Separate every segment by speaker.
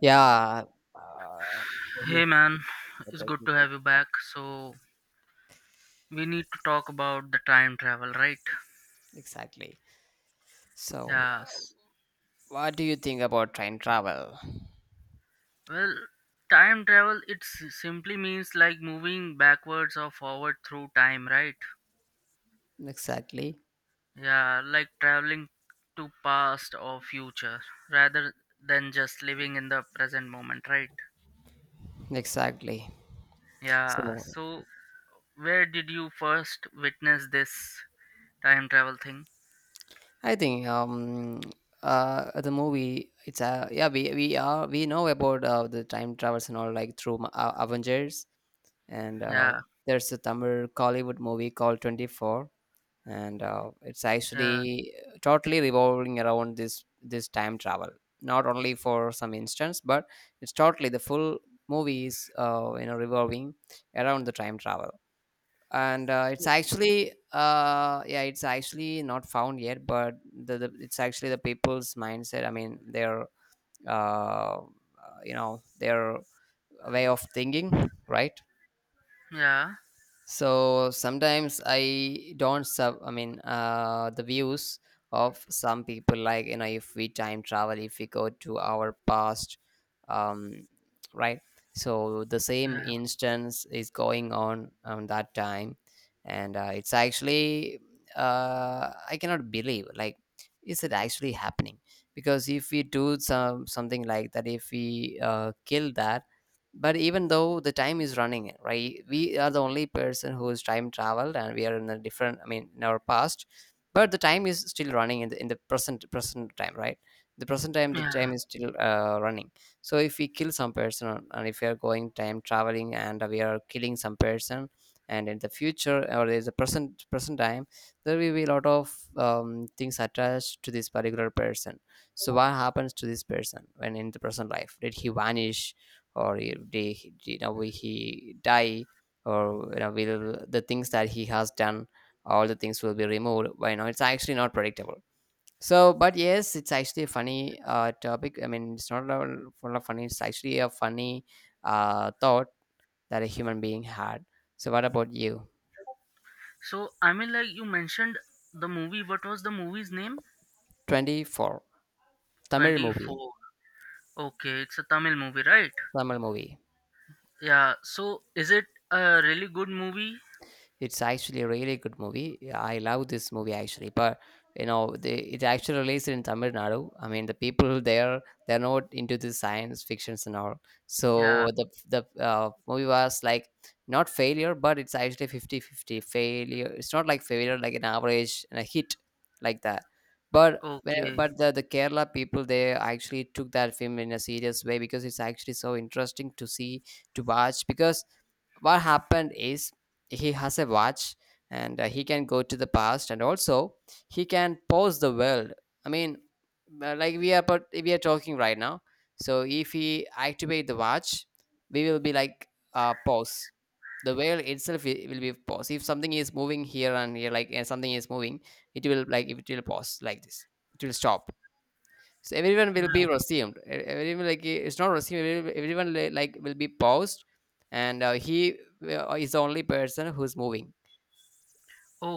Speaker 1: Yeah. Uh, yes.
Speaker 2: Hey man,
Speaker 1: the
Speaker 2: it's good to
Speaker 1: technical-
Speaker 2: have you back. So, we need to talk about the time travel, right?
Speaker 1: exactly. So,
Speaker 2: Yes.
Speaker 1: what do you think about train travel?
Speaker 2: Well, time travel simply means like moving backwards or forward through time, right?
Speaker 1: Exactly.
Speaker 2: Yeah, like traveling to past or future rather than just living in the present moment, right?
Speaker 1: Exactly.
Speaker 2: Yeah.
Speaker 1: So,
Speaker 2: So, where did you first witness this time travel thing?
Speaker 1: I think the movie, it's, yeah, we know about the time travels and all, like through Avengers. And
Speaker 2: Yeah.
Speaker 1: There's a Tamil Kollywood movie called 24, and it's
Speaker 2: Yeah.
Speaker 1: actually totally revolving around this time travel, not only for some instance, but it's totally, the full movie is, revolving around the time travel. And It's
Speaker 2: So.
Speaker 1: actually, yeah, it's actually not found yet, but the it's actually the people's mindset, I mean, their, uh, you know their way of thinking, right?
Speaker 2: Yeah.
Speaker 1: So sometimes I don't sub. I mean, the views of some people, like, if we time travel, if we go to our past, um, right? So the same
Speaker 2: Yeah.
Speaker 1: instance is going on that time, and it's actually, I cannot believe. Like, is it actually happening? Because if we do something like that, if we kill that. But even though the time is running, right, we are the only person who's time traveled, and we are in a different, I mean, in our past. But the time is still running in the present time, right? The present time, the
Speaker 2: Yeah.
Speaker 1: time is still, running. So if we kill some person, and if we are going time traveling and we are killing some person, and in the future or in the present time, there will be a lot of, things attached to this particular person. So what happens to this person? When in the present life, did he vanish, or he- they he- you know we- he die, or will the things that he has done, all the things, will be removed? Why? You know it's actually not predictable. So, but yes, it's actually a funny, topic, I mean, it's not a full of funny, it's actually a funny, thought, that a human being had. So what about you?
Speaker 2: So, I mean, like you mentioned the movie. What was the movie's name?
Speaker 1: 24. Tamil movie.
Speaker 2: 24. Okay, it's a Tamil movie, right?
Speaker 1: Tamil movie.
Speaker 2: Yeah. So, is it a really good movie?
Speaker 1: It's actually a really good movie. Yeah, I love this movie actually, but it actually released in Tamil Nadu. I mean, the people there, they're not into the science fictions and all.
Speaker 2: Yeah.
Speaker 1: So the movie was like not failure, but it's actually 50-50 failure. It's not like failure, like an average and a hit, like that. But when-
Speaker 2: Okay.
Speaker 1: but the Kerala people, they actually took that film in a serious way, because it's actually so interesting to watch, because what happened is, he has a watch, and he can go to the past, and also he can pause the world. I mean, like we are talking right now. So if he activate the watch, we will be like, pause. The world itself, will be pause, if something is moving here and here, like, and something is moving, it will, like, if it will pause like this, it will stop. So everyone will be
Speaker 2: Yeah.
Speaker 1: resumed. Everyone, like, it's not resumed, everyone, like, will be paused, and he is the only person who's moving.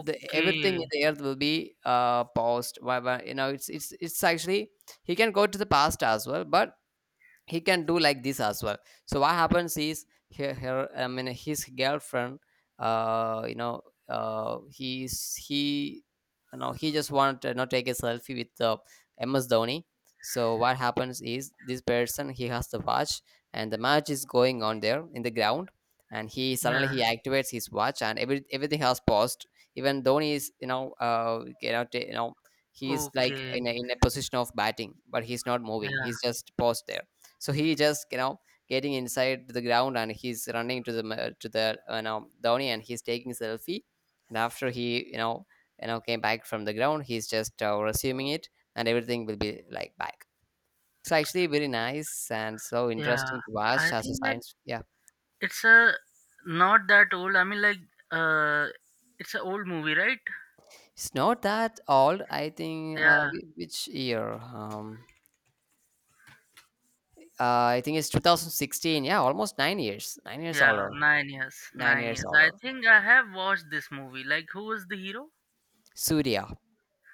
Speaker 1: The everything in the earth will be paused. Why? you know, it's actually he can go to the past as well, but he can do like this as well. So what happens is, her, I mean, his girlfriend, uh you know uh he's he he just wanted to, take a selfie with MS Dhoni. So what happens is, this person, he has the watch, and the match is going on there in the ground, and he, suddenly,
Speaker 2: Yeah.
Speaker 1: he activates his watch, and everything has paused. Even Dhoni is, he's like
Speaker 2: Okay.
Speaker 1: in a position of batting, but he's not moving,
Speaker 2: Yeah.
Speaker 1: he's just paused there. So he just, getting inside the ground, and he's running to the Dhoni, and he's taking selfie. And after he, came back from the ground, he's just, resuming it, and everything will be like back. It's actually very nice and so
Speaker 2: Yeah.
Speaker 1: interesting to
Speaker 2: I
Speaker 1: watch as a
Speaker 2: think like
Speaker 1: science. Yeah.
Speaker 2: it's a not that old. I mean, like uh, it's an old movie, right?
Speaker 1: It's not that old. I think,
Speaker 2: Yeah.
Speaker 1: which year? I think it's 2016. Yeah, almost 9 years, 9 years
Speaker 2: Yeah.
Speaker 1: older,
Speaker 2: 9 years.
Speaker 1: nine
Speaker 2: Nine
Speaker 1: years
Speaker 2: years. I
Speaker 1: older.
Speaker 2: think I have watched this movie. Like, who was the hero?
Speaker 1: Surya.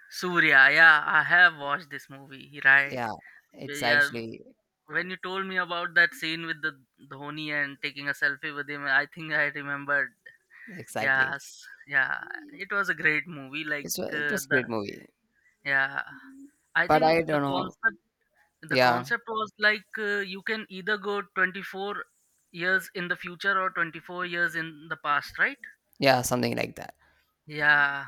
Speaker 2: Surya, yeah, I have watched this movie, right?
Speaker 1: Yeah. it's
Speaker 2: Yeah,
Speaker 1: actually
Speaker 2: when you told me about that scene with the Dhoni and taking a selfie with him, I think I remembered.
Speaker 1: Exactly.
Speaker 2: Yes, yeah, it was a great movie. Like
Speaker 1: It was a great
Speaker 2: the
Speaker 1: movie,
Speaker 2: Yeah, I
Speaker 1: but
Speaker 2: think
Speaker 1: I
Speaker 2: the
Speaker 1: don't know.
Speaker 2: concept the
Speaker 1: Yeah,
Speaker 2: concept was like you can either go 24 years in the future or 24 years in the past, right?
Speaker 1: yeah, something like that.
Speaker 2: Yeah,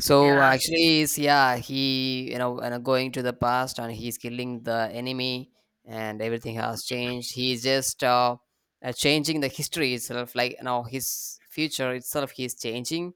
Speaker 1: So,
Speaker 2: yes,
Speaker 1: actually, is, yeah, he, and, going to the past and he's killing the enemy, and everything has changed. He's just, changing the history itself, like, his future itself, he's changing.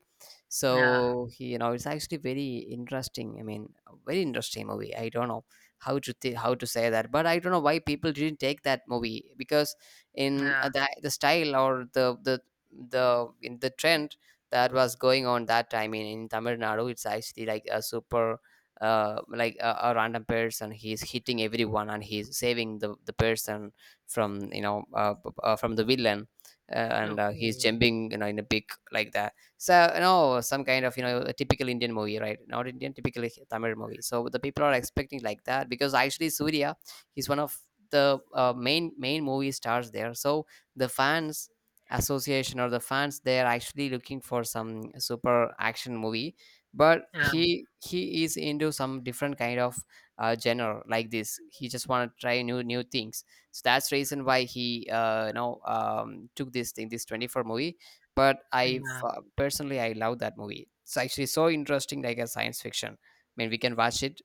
Speaker 2: yeah,
Speaker 1: So, he, it's actually very interesting. I mean, a very interesting movie. I don't know how to say that, but I don't know why people didn't take that movie, because in
Speaker 2: yeah.
Speaker 1: the style or the in the trend that was going on that time, in Tamil Nadu. It's actually like a super, like a random person. He's hitting everyone and he's saving the person from you know p- from the villain, uh, and he's
Speaker 2: Okay,
Speaker 1: jumping, in a big, like that. So, some kind of, a typical Indian movie, right? Not Indian, typically Tamil movie. So the people are expecting like that, because actually Surya, he's one of the main movie stars there. So the fans association or the fans, they are actually looking for some super action movie, but
Speaker 2: yeah,
Speaker 1: he is into some different kind of, genre, like this, he just want to try new things. So that's reason why he, took this 24 movie. But
Speaker 2: yeah.
Speaker 1: personally, I love that movie. It's actually so interesting, like a science fiction, I mean, we can watch it.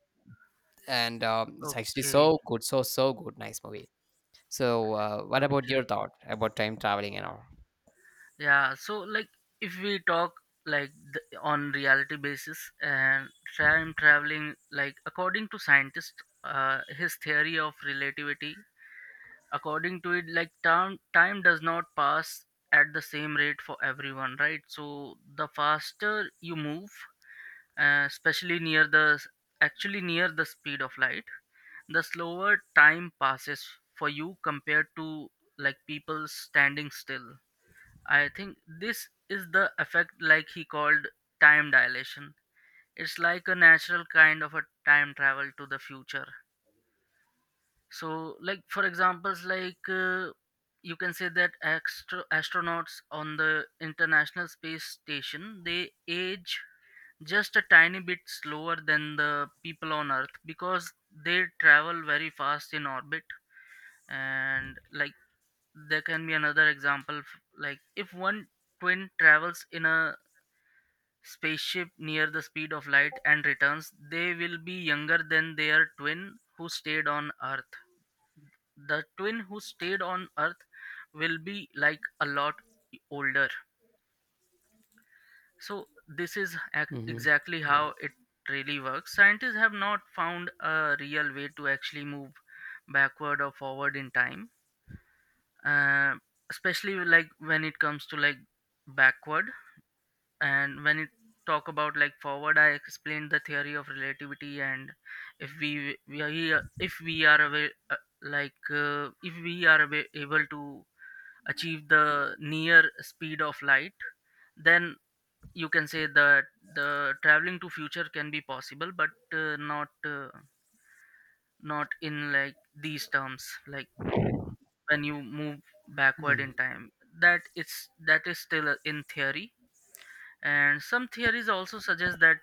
Speaker 1: And it's actually
Speaker 2: Okay,
Speaker 1: so good, so good, nice movie. So, what about your
Speaker 2: okay.
Speaker 1: thought about time traveling and all?
Speaker 2: Yeah, so like if we talk like on reality basis and time traveling, like according to scientists, his theory of relativity. According to it, like time does not pass at the same rate for everyone, right? So the faster you move, especially near actually near the speed of light, the slower time passes for you compared to like people standing still. I think this is the effect, like he called time dilation. It's like a natural kind of a time travel to the future. So, like for examples, like you can say that extra astronauts on the International Space Station, they age just a tiny bit slower than the people on Earth because they travel very fast in orbit. And like there can be another example, like if one twin travels in a spaceship near the speed of light and returns. They will be younger than their twin who stayed on Earth. The twin who stayed on Earth will be like a lot older. So, this is
Speaker 1: Hmm.
Speaker 2: exactly how it really works. Scientists have not found a real way to actually move backward or forward in time, uh, especially like when it comes to like backward. And when it talk about like forward, I explained the theory of relativity, and if we we are here- if we are aware, like if we are able to achieve the near speed of light, then you can say that the traveling to future can be possible but not in like these terms. Like when you move backward
Speaker 1: Mm,
Speaker 2: in time, that is still in theory. And some theories also suggest that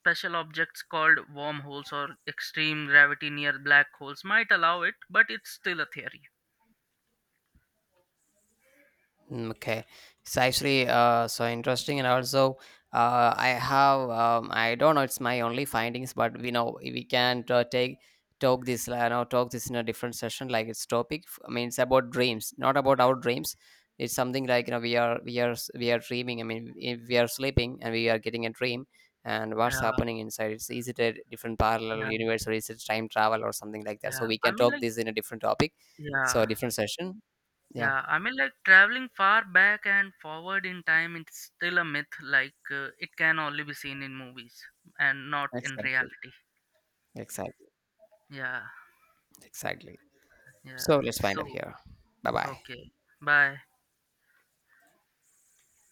Speaker 2: special objects called wormholes or extreme gravity near black holes might allow it, but it's still a theory.
Speaker 1: mm, okay, it's actually, so interesting. And also, I have, I don't know, it's my only findings, but we know we can, take talk this in a different session. Like, it's topic. I mean, it's about dreams, not about our dreams. It's something like, we are dreaming. I mean, if we are sleeping and we are getting a dream, and
Speaker 2: Yeah,
Speaker 1: what's happening inside? It's is it a different parallel
Speaker 2: yeah,
Speaker 1: universe, or is it time travel or something like that?
Speaker 2: yeah.
Speaker 1: So we
Speaker 2: I
Speaker 1: can
Speaker 2: mean,
Speaker 1: talk
Speaker 2: like,
Speaker 1: this in a different topic, so,
Speaker 2: yeah,
Speaker 1: a different session. Yeah,
Speaker 2: yeah. I mean, like, traveling far back and forward in time, it's still a myth. Like, it can only be seen in movies and not in
Speaker 1: excellent.
Speaker 2: reality.
Speaker 1: Exactly.
Speaker 2: Yeah,
Speaker 1: Exactly.
Speaker 2: yeah.
Speaker 1: So let's wind up
Speaker 2: So,
Speaker 1: here. Bye bye.
Speaker 2: okay. Bye.